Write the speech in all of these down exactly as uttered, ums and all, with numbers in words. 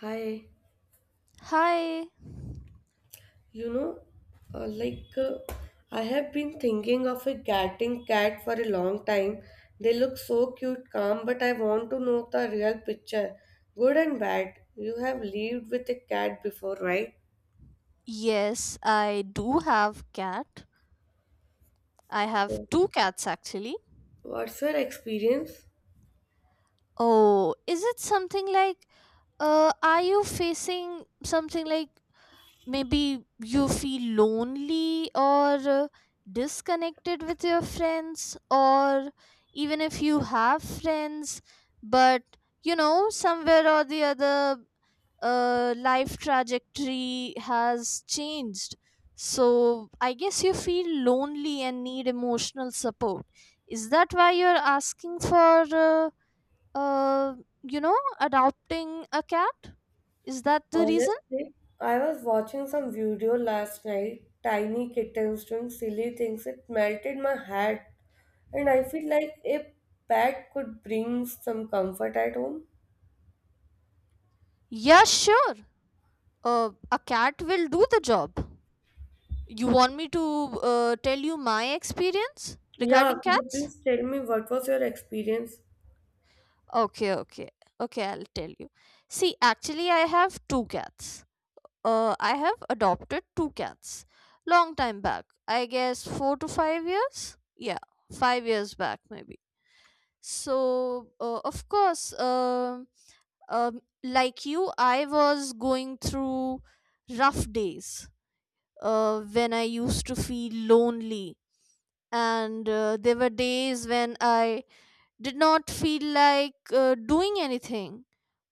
Hi, Hi. you know, uh, like uh, I have been thinking of a getting cat for a long time. They look so cute, calm, but I want to know the real picture, good and bad. You have lived with a cat before, right? Yes, I do have cat. I have So, two cats actually. What's your experience? Oh, is it something like uh are you facing something like maybe you feel lonely or uh, disconnected with your friends, or even if you have friends but you know somewhere or the other, uh, life trajectory has changed. So I guess you feel lonely and need emotional support. Is that why you're asking for, uh, uh, you know, adopting a cat? Is that the reason? Honestly, I was watching some video last night, tiny kittens doing silly things. It melted my heart, and I feel like a pet could bring some comfort at home. Yeah, sure. Uh, a cat will do the job. You want me to uh, tell you my experience Yeah, regarding could you cats? please tell me what was your experience? Okay, okay, okay, I'll tell you. See, actually, I have two cats. Uh, I have adopted two cats long time back. I guess four to five years. Yeah, five years back maybe. So uh, of course, um um, like you, I was going through rough days. Uh, when I used to feel lonely, and uh, there were days when I did not feel like uh, doing anything.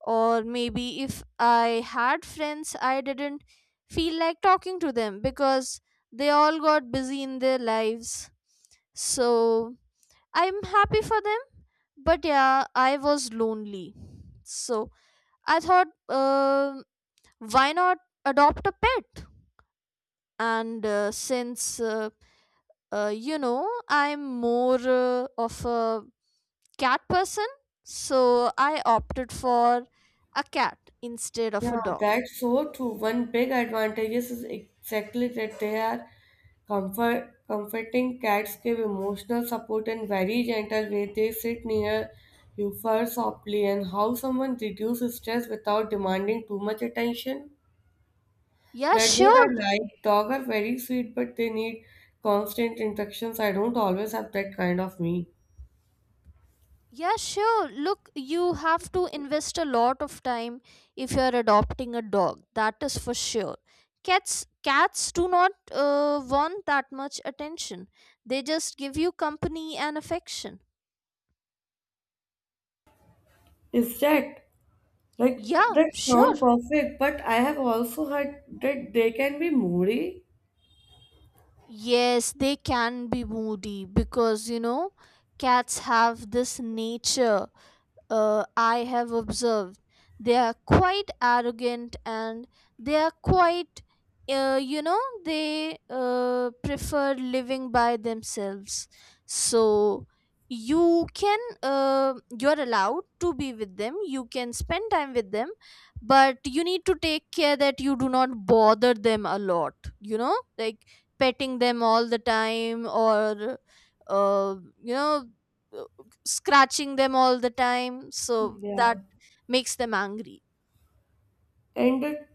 Or maybe if I had friends, I didn't feel like talking to them because they all got busy in their lives. So I'm happy for them, but yeah, I was lonely. So I thought, um why not adopt a pet? And uh, since uh, uh, you know, I'm more uh, of a cat person, so I opted for a cat instead of a Yeah, dog. that's so true. One big advantage is exactly that they are comfort comforting cats give emotional support in very gentle way. They sit near you fur softly and how someone reduces stress without demanding too much attention. Yeah, That what I sure. like. Dogs are very sweet but they need constant interactions. I don't always have that kind of me. Yeah, sure. Look, you have to invest a lot of time if you are adopting a dog. That is for sure. Cats cats do not uh, want that much attention. They just give you company and affection. Is that? Like Yeah, that sure. sound perfect, but I have also heard that they can be moody. Yes, they can be moody because, you know, cats have this nature, uh, I have observed. They are quite arrogant, and they are quite, uh, you know, they uh, prefer living by themselves. So you can, uh, you're allowed to be with them, you can spend time with them, but you need to take care that you do not bother them a lot, you know, like petting them all the time, or, uh, you know, scratching them all the time, so that Yeah. makes them angry. And that,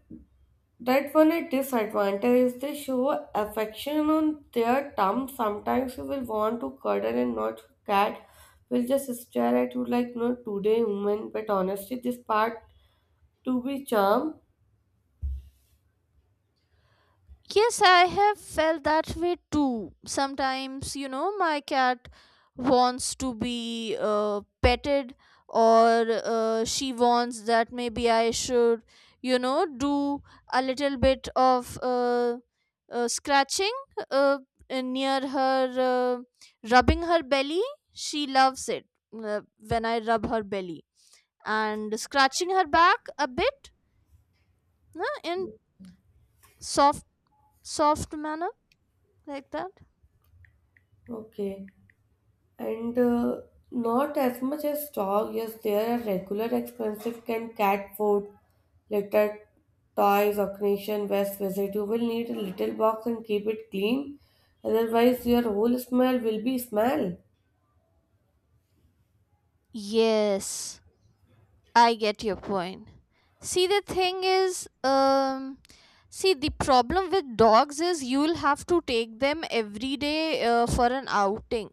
that one a disadvantage is they show affection on their terms. Sometimes you will want to cuddle and not cat will just stare at you like no today woman, but honestly this part to be charm. Yes, I have felt that way too. Sometimes, you know, my cat wants to be uh, petted, or uh, she wants that maybe I should, you know, do a little bit of uh, uh, scratching uh, uh, near her, uh, rubbing her belly. She loves it uh, when I rub her belly and scratching her back a bit. No, in soft soft manner, like that. Okay. and uh, Not as much as dog. Yes, there are regular expensive can cat food, litter, toys, occasion, waste visit. You will need a little box and keep it clean. Otherwise, your whole smell will be smell. Yes, I get your point. See, the thing is, um see, the problem with dogs is you'll have to take them every day uh, for an outing.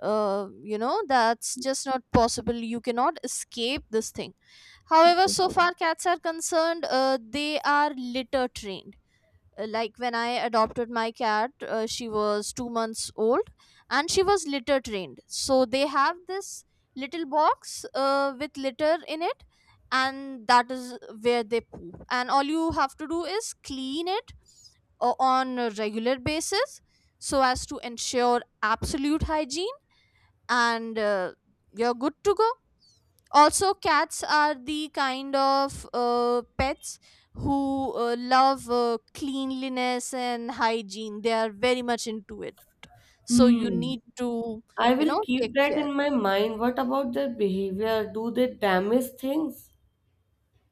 uh, You know, that's just not possible. You cannot escape this thing. However, so far cats are concerned, uh, they are litter trained. Uh, Like when I adopted my cat, uh, she was two months old, and she was litter trained. So they have this little box uh, with litter in it, and that is where they poop. And all you have to do is clean it uh, on a regular basis, so as to ensure absolute hygiene, and uh, you're good to go. Also, cats are the kind of uh, pets who uh, love uh, cleanliness and hygiene. They are very much into it, so you Hmm. need to, I you will know, keep take that care. in my mind. What about their behavior? Do they damage things?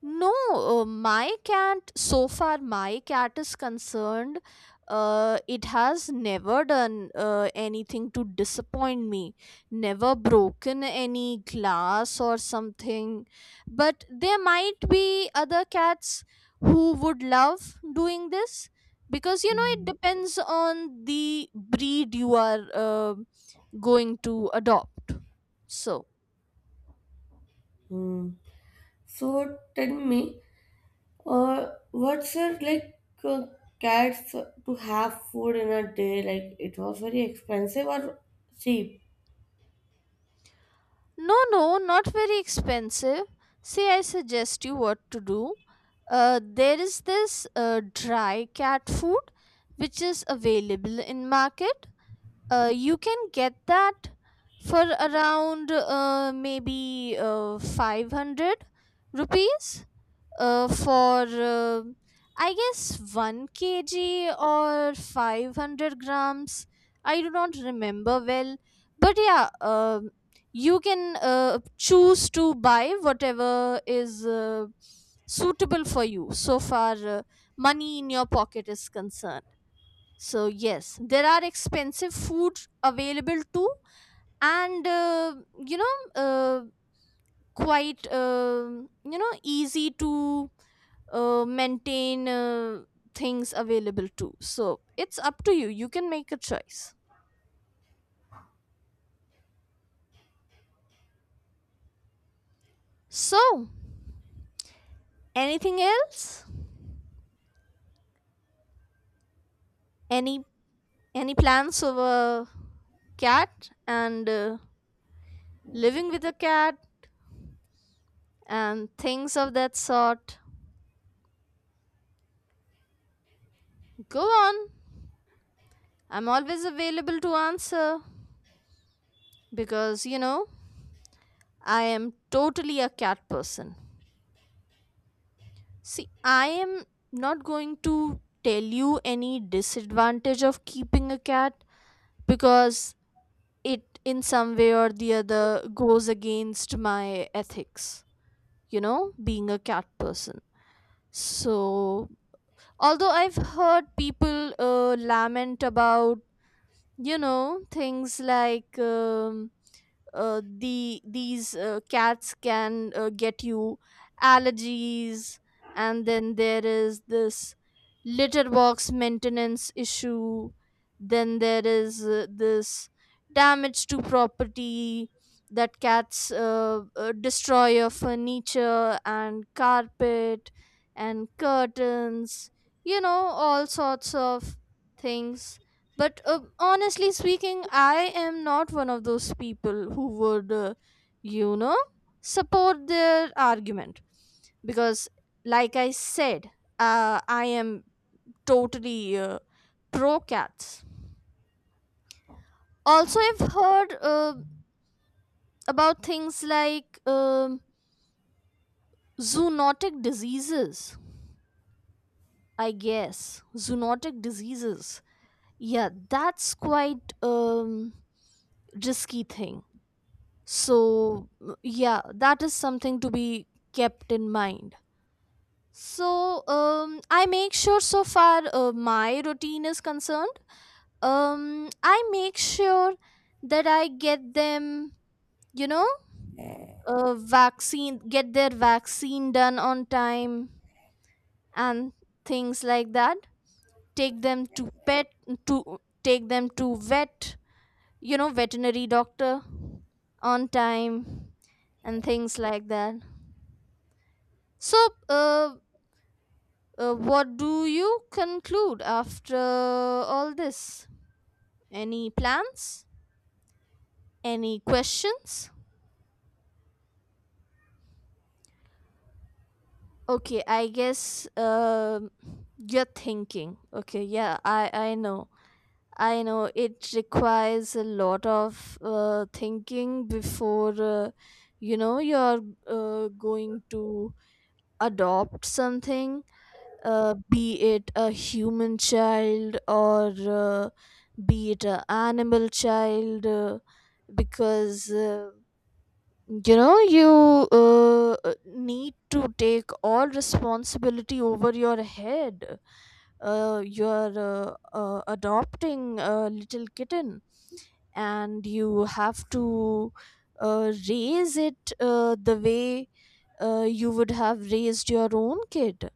No, uh, my cat, so far my cat is concerned, uh, it has never done uh, anything to disappoint me, never broken any glass or something. But there might be other cats who would love doing this, because, you know, it depends on the breed you are uh, going to adopt. So. Hmm. So tell me, Uh, What's it like uh, cats to have food in a day? Like it was very expensive or cheap? No, no, not very expensive. See, I suggest you what to do. Uh, there is this uh, dry cat food which is available in market. Uh, you can get that for around uh, maybe uh, five hundred rupees uh, for uh, I guess one kg or five hundred grams. I do not remember well, but yeah, um you can uh, choose to buy whatever is uh, suitable for you, so far uh, money in your pocket is concerned. So, yes, there are expensive food available too, and uh, you know. Uh, quite um you know, easy to uh, maintain uh, things available to, so it's up to you. You can make a choice. So, anything else? Any any plans of a cat, and uh, living with a cat, and things of that sort? Go on, I'm always available to answer, because, you know, I am totally a cat person. See, I am not going to tell you any disadvantage of keeping a cat, because it, in some way or the other, goes against my ethics, you know, being a cat person. So, although I've heard people uh, lament about, you know, things like um, uh, the these uh, cats can uh, get you allergies, and then there is this litter box maintenance issue, then there is uh, this damage to property that cats uh, uh, destroy your furniture and carpet and curtains, you know, all sorts of things. But uh, honestly speaking, I am not one of those people who would, uh, you know, support their argument, because like I said, uh, I am totally uh, pro cats. Also, I've heard uh, about things like um zoonotic diseases. I guess zoonotic diseases, yeah, that's quite um risky thing. So m- yeah, that is something to be kept in mind. So um I make sure, so far uh, my routine is concerned, um I make sure that I get them, you know, uh, vaccine get their vaccine done on time, and things like that. take them to pet to Take them to vet, you know, veterinary doctor, on time, and things like that. So, uh, uh, what do you conclude after all this? Any plans? Any questions? Okay, I guess um you're thinking. Okay, yeah, I I know. I know it requires a lot of uh, thinking before uh, you know, you're uh, going to adopt something, uh, be it a human child, or uh, be it an animal child, uh, because, uh, you know, you uh, uh, need to take all responsibility over your head. Uh, you're uh, uh, adopting a little kitten, and you have to uh, raise it uh, the way uh, you would have raised your own kid,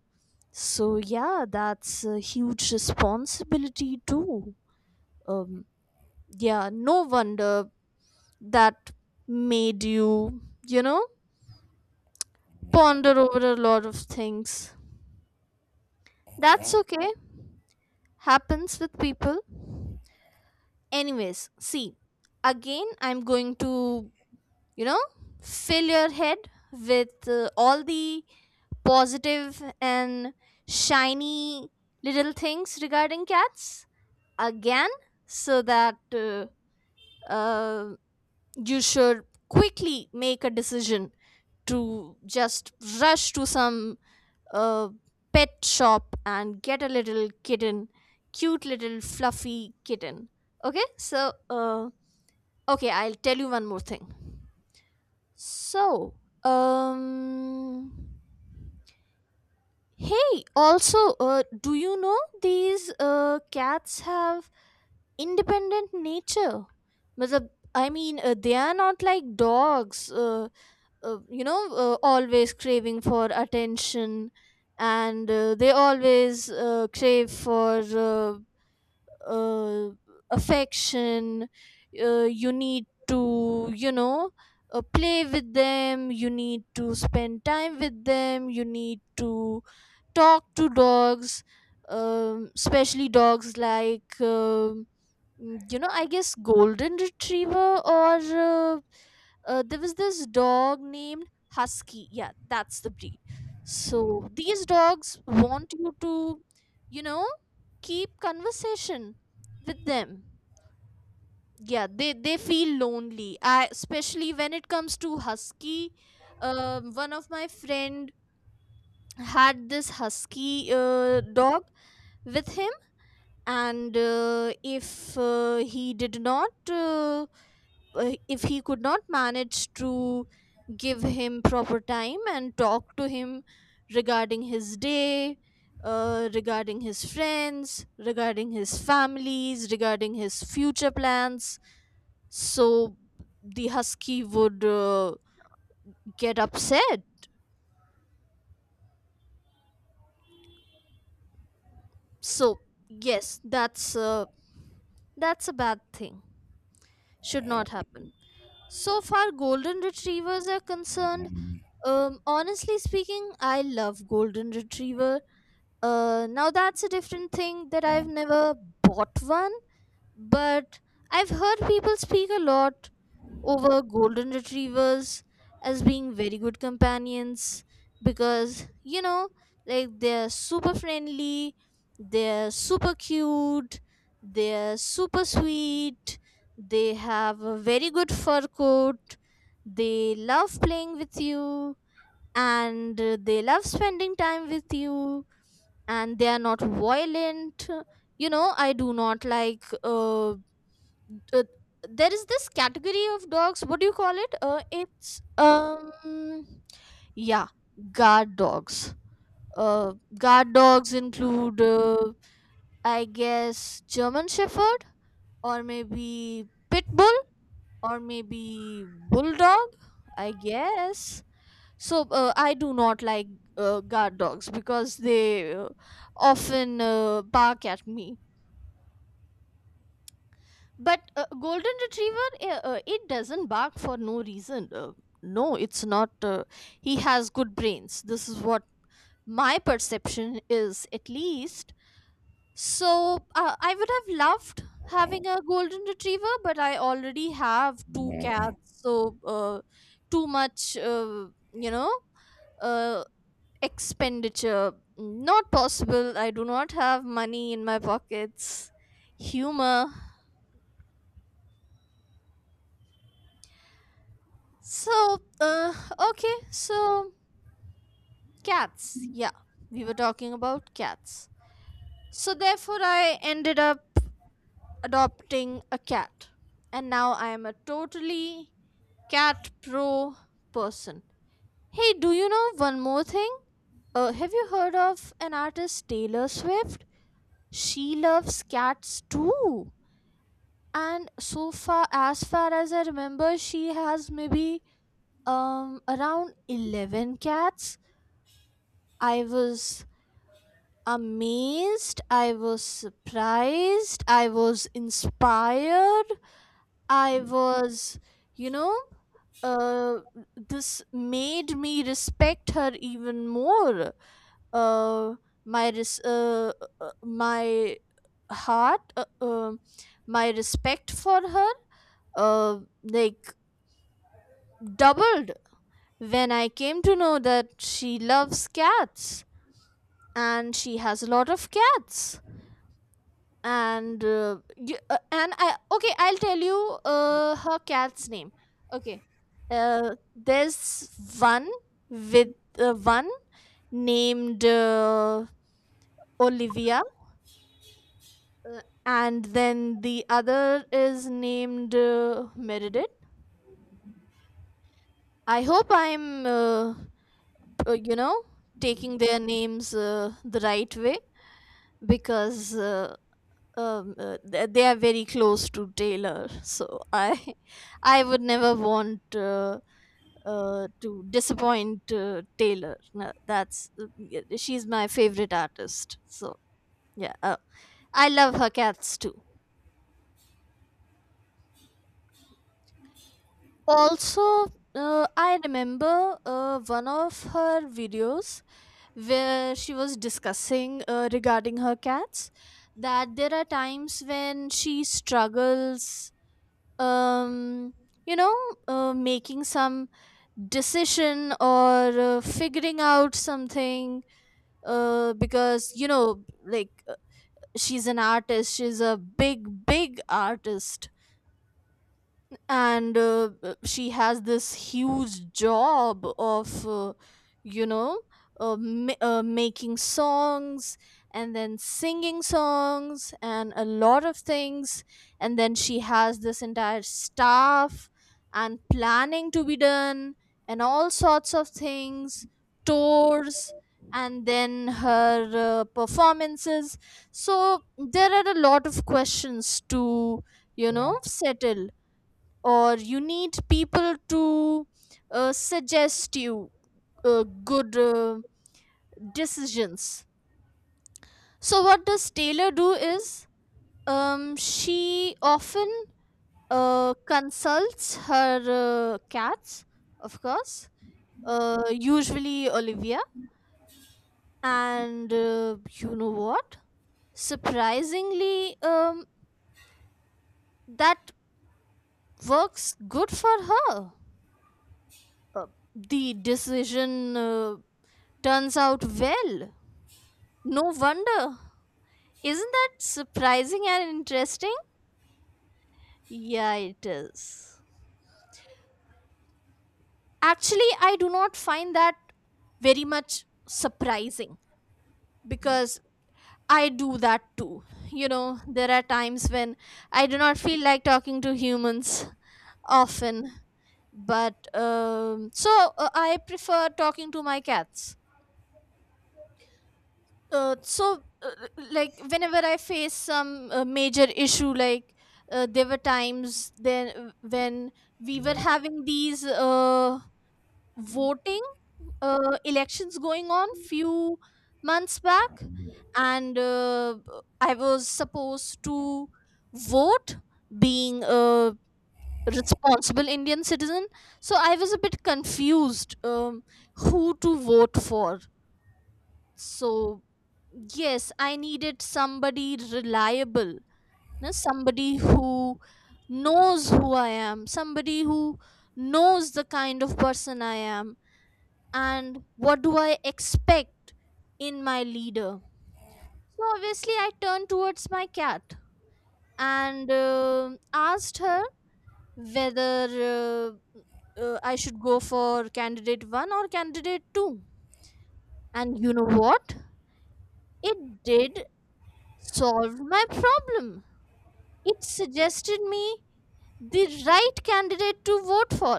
so yeah, that's a huge responsibility too. Um, yeah, no wonder that made you, you know, ponder over a lot of things. That's okay. Happens with people. Anyways, see, again, I'm going to, you know, fill your head with uh, all the positive and shiny little things regarding cats, again, so that uh, uh, you should quickly make a decision to just rush to some uh, pet shop and get a little kitten, cute little fluffy kitten. Okay, so uh, okay, I'll tell you one more thing. So, um hey, also, uh, do you know these uh, cats have independent nature? But I mean, uh, they are not like dogs, uh, uh, you know, uh, always craving for attention, and uh, they always uh, crave for uh, uh, affection. Uh, you need to, you know, uh, play with them, you need to spend time with them, you need to talk to dogs, um, especially dogs like um Mm, you know, I guess golden retriever, or uh, uh, there was this dog named husky, yeah, that's the breed. So these dogs want you to, you know, keep conversation with them. Yeah, they they feel lonely, I especially when it comes to husky. Um, one of my friend had this husky uh, dog with him, and uh, if uh, he did not uh, uh, if he could not manage to give him proper time and talk to him regarding his day, uh, regarding his friends, regarding his families, regarding his future plans. So the husky would uh, get upset. So yes, that's uh, that's a bad thing, should not happen. So far golden retrievers are concerned, Um, honestly speaking, I love golden retriever. Uh, now that's a different thing, that I've never bought one, but I've heard people speak a lot over golden retrievers as being very good companions, because, you know, like they're super friendly, they're super cute, they're super sweet, they have a very good fur coat, they love playing with you, and uh, they love spending time with you, and they are not violent. You know, I do not like, uh, uh, there is this category of dogs, what do you call it, uh, it's um yeah, guard dogs. uh, Guard dogs include, uh, I guess German shepherd, or maybe pit bull, or maybe bulldog, I guess. So uh, I do not like uh, guard dogs because they uh, often uh, bark at me. But uh, golden retriever, uh, uh, it doesn't bark for no reason. Uh, no, it's not. Uh, he has good brains. This is what my perception is, at least. So uh, I would have loved having a golden retriever, but I already have two cats. So uh, too much, uh, you know, uh, expenditure not possible i do not have money in my pockets. Humor. So uh okay so cats, yeah, we were talking about cats. So therefore I ended up adopting a cat, and now I am a totally cat pro person. Hey, do you know one more thing? Uh, have you heard of an artist, Taylor Swift? She loves cats too. And so far as far as I remember, she has maybe um around eleven cats. I was amazed, I was surprised, I was inspired. I was you know uh this made me respect her even more. Uh my res- uh, uh, my heart uh, um My respect for her uh like doubled when I came to know that she loves cats and she has a lot of cats. And uh, you, uh, and I okay, I'll tell you uh, her cat's name. Okay, uh, there's one with uh, one named uh, Olivia, uh, and then the other is named uh, Meredith. I hope I'm uh, uh, you know taking their names uh, the right way, because uh, um, uh, th- they are very close to Taylor. So I I would never want uh, uh, to disappoint uh, Taylor. No, that's uh, y- she's my favorite artist. So yeah, uh, I love her cats too. Also, uh, I remember uh, one of her videos where she was discussing uh, regarding her cats, that there are times when she struggles, um you know uh, making some decision or uh, figuring out something, uh, because you know like uh, she's an artist, she's a big big artist. And uh, uh, she has this huge job of uh, you know uh, ma- uh, making songs and then singing songs and a lot of things. And then she has this entire staff and planning to be done and all sorts of things, tours, and then her uh, performances. So there are a lot of questions to, you know, settle, or you need people to uh, suggest you uh, good uh, decisions. So what does Taylor do is, um, she often uh, consults her uh, cats, of course, uh, usually Olivia. And uh, you know what, surprisingly, um, that works good for her. Uh, the decision uh, turns out well. No wonder. Isn't that surprising and interesting? Yeah, it is. Actually, I do not find that very much surprising, because I do that too. You know, there are times when I do not feel like talking to humans often, but um, so uh, I prefer talking to my cats. uh, so uh, like whenever I face some uh, major issue, like uh, there were times then when we were having these uh, voting, uh, elections going on few months back. And uh, I was supposed to vote, being a responsible Indian citizen. So I was a bit confused, um, who to vote for. So yes, I needed somebody reliable. No, somebody who knows who I am, somebody who knows the kind of person I am and what do I expect in my leader. So obviously I turned towards my cat and uh, asked her whether uh, uh, I should go for candidate one or candidate two. And you know what, it did solve my problem. It suggested me the right candidate to vote for.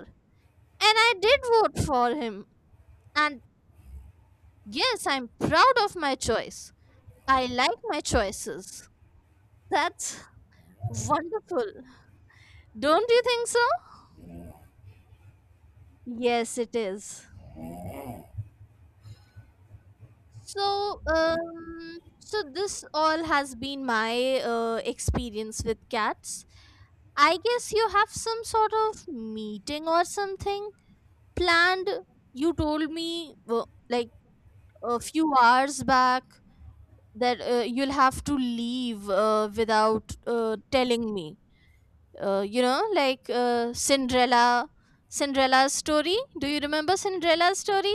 And I did vote for him. And yes, I'm proud of my choice. I like my choices. That's wonderful. Don't you think so? Yes, it is. So, um, so this all has been my uh, experience with cats. I guess you have some sort of meeting or something planned. You told me, wo- like a few hours back, that uh, you'll have to leave uh, without uh, telling me. Uh, you know, like uh, Cinderella, Cinderella's story. Do you remember Cinderella's story?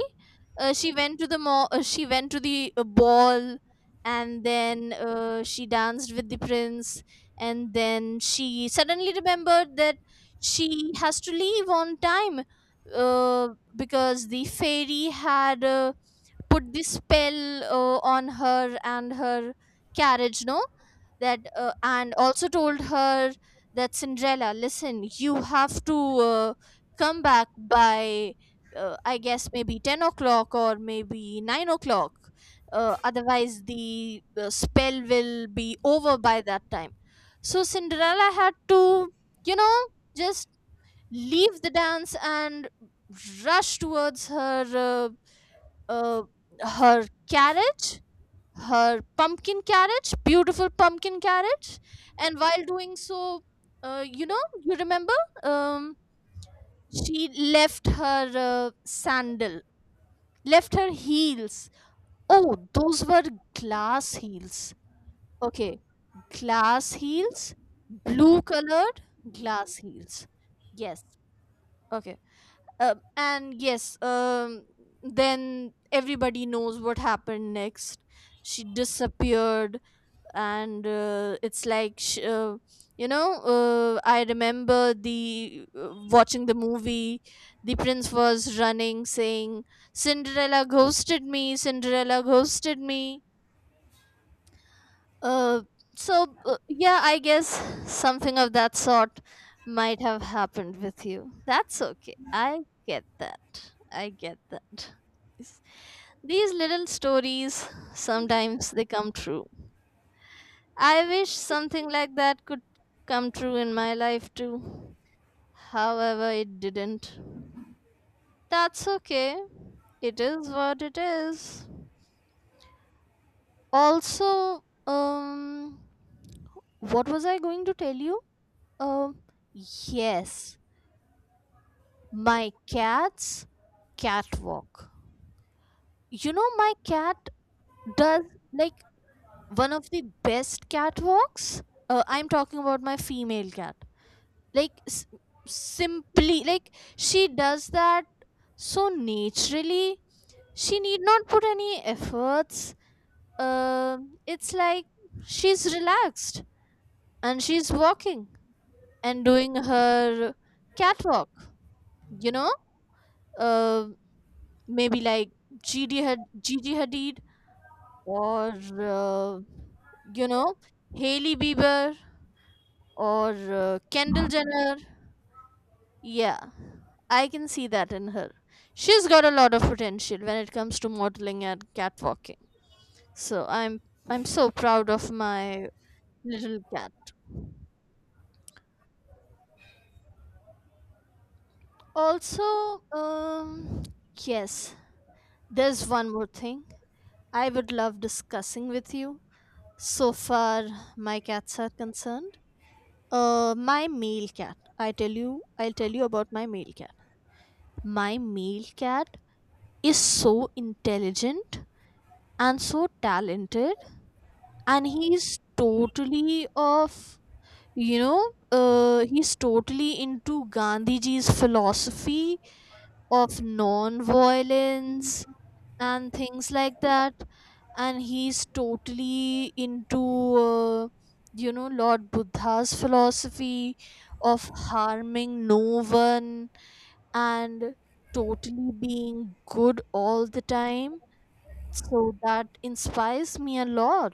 Uh, she went to the mo. Uh, she went to the uh, ball, and then uh, she danced with the prince. And then she suddenly remembered that she has to leave on time, uh, because the fairy had. Uh, put this spell uh, on her and her carriage. No, that uh, and also told her that Cinderella, listen, you have to uh, come back by, uh, I guess maybe ten o'clock or maybe nine o'clock, uh, otherwise the uh, spell will be over by that time. So Cinderella had to, you know, just leave the dance and rush towards her uh, uh, her carriage, her pumpkin carriage, beautiful pumpkin carriage. And while doing so, uh, you know, you remember, um, she left her uh, sandal, left her heels. Oh, those were glass heels. Okay, glass heels, blue colored glass heels. Yes. Okay. Uh, and yes, um then everybody knows what happened next. She disappeared. And uh, it's like sh- uh, you know uh, I remember the uh, watching the movie, the prince was running saying, Cinderella ghosted me, Cinderella ghosted me. uh, so uh, yeah, I guess something of that sort might have happened with you. That's okay. I get that. I get that. Yes. These little stories, sometimes they come true. I wish something like that could come true in my life too. However, it didn't. That's okay. It is what it is. Also, um, what was I going to tell you? Um, yes, my cat's catwalk. You know, my cat does, like, one of the best catwalks. Uh, I'm talking about my female cat. Like, s- Simply, like, she does that so naturally. She need not put any efforts. Um, it's like she's relaxed and she's walking and doing her catwalk, you know? Uh, Maybe like Gigi, Had- Gigi Hadid or uh, you know Hailey Bieber or uh, Kendall Jenner. Yeah, I can see that in her. She's got a lot of potential when it comes to modeling and catwalking. So I'm I'm so proud of my little cat. Also, um, yes, there's one more thing I would love discussing with you. So far, my cats are concerned. Uh, my male cat. I tell you, I'll tell you about my male cat. My male cat is so intelligent and so talented, and he's totally of, you know, uh, he's totally into Gandhiji's philosophy of non-violence and things like that. And he's totally into uh, you know, Lord Buddha's philosophy of harming no one and totally being good all the time. So that inspires me a lot.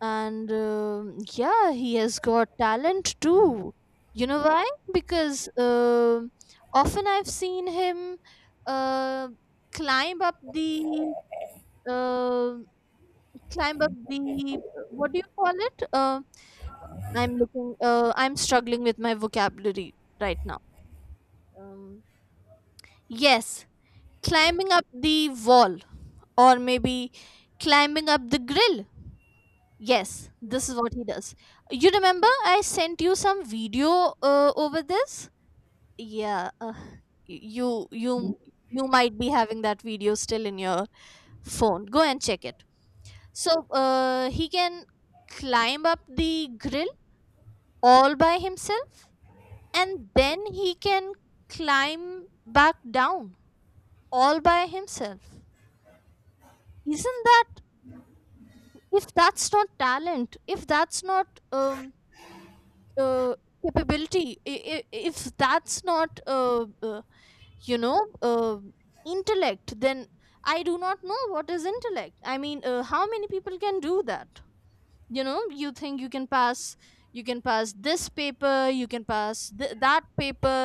And um yeah, he has got talent too. You know why? Because um often I've seen him uh, climb up the uh, climb up the, what do you call it? Uh, I'm looking. Uh, I'm struggling with my vocabulary right now. Um, yes, climbing up the wall, or maybe climbing up the grill. Yes, this is what he does. You remember I sent you some video uh, over this? Yeah, uh, y- you you you might be having that video still in your phone. Go and check it. So uh, he can climb up the grill all by himself, and then he can climb back down all by himself. Isn't that, If that's not talent, if that's not um, uh, capability, i- i- if that's not, uh, uh, you know, uh, intellect, then I do not know what is intellect. I mean, uh, how many people can do that? You know, you think you can pass, you can pass this paper you can pass th- that paper.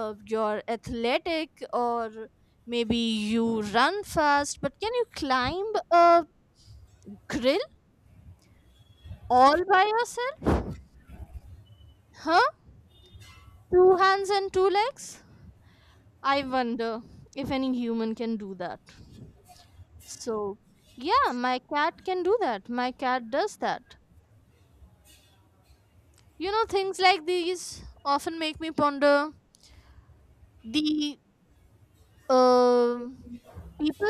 uh, You're athletic, or maybe you run fast, but can you climb a grill all by yourself? Huh? Two hands and two legs. I wonder if any human can do that. So yeah, my cat can do that my cat does that. You know, things like these often make me ponder, the Um, people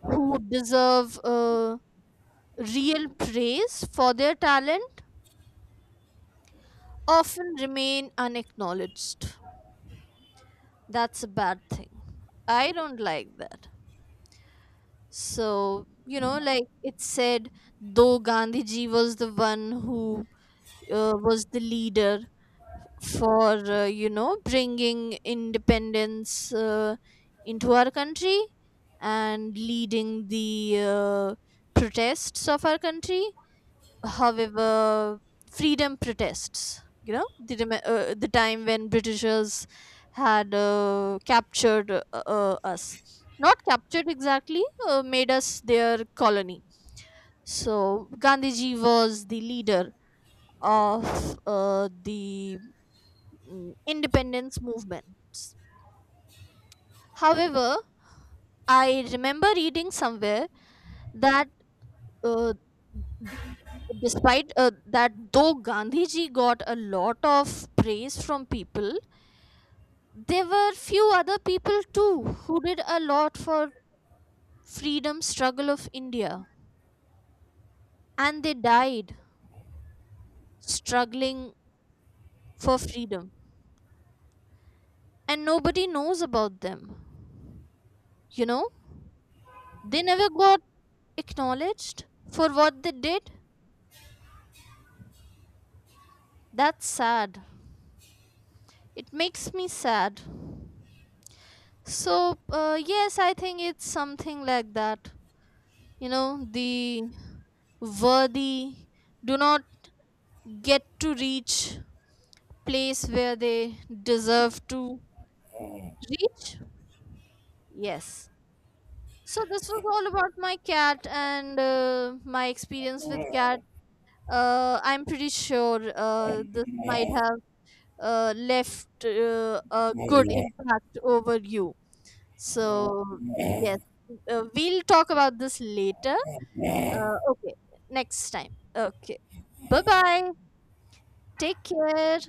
who deserve uh, real praise for their talent often remain unacknowledged. That's a bad thing. I don't like that. So, you know, like it said, though Gandhiji was the one who uh, was the leader for uh, you know, bringing independence uh, into our country and leading the uh, protests of our country. However, freedom protests, you know, the, rem- uh, the time when Britishers had uh, captured uh, uh, us, not captured exactly, uh, made us their colony. So Gandhiji was the leader of uh, the mm, independence movements. However, I remember reading somewhere that, uh, despite uh, that, though Gandhiji got a lot of praise from people, there were few other people too who did a lot for freedom struggle of India, and they died struggling for freedom, and nobody knows about them. You know, they never got acknowledged for what they did. That's sad. It makes me sad. So uh, yes, I think it's something like that. You know, the worthy do not get to reach place where they deserve to reach. Yes. So this was all about my cat and uh, my experience with cat. uh, I'm pretty sure uh, this might have uh, left uh, a good impact over you. So, yes, uh, we'll talk about this later. Uh, okay, next time. Okay, bye bye. Take care.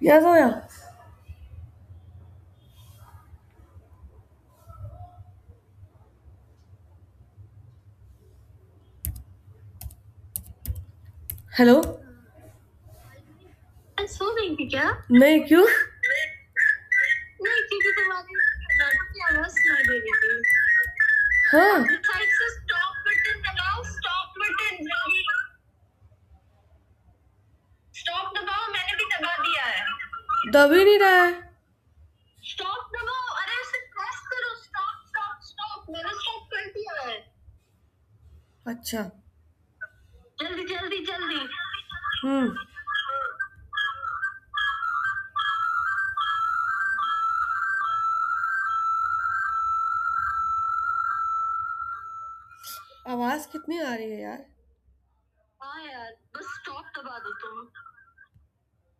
Ya so ya. Hello. I'm so angry, kya? Nay, kyu? Nay, because I'm angry. I was angry. Huh? Stop, button, dabao. Stop, button, dabhi. Stop, dabao. I have also broken it. Dabhi nahi rahe. Stop, dabao. Arey, stop press it. Stop, stop, stop. I'm so angry. Accha. जल्दी जल्दी जल्दी हम्म आवाज कितनी आ रही है यार, हाँ यार, बस स्टॉप दबा दो तुम.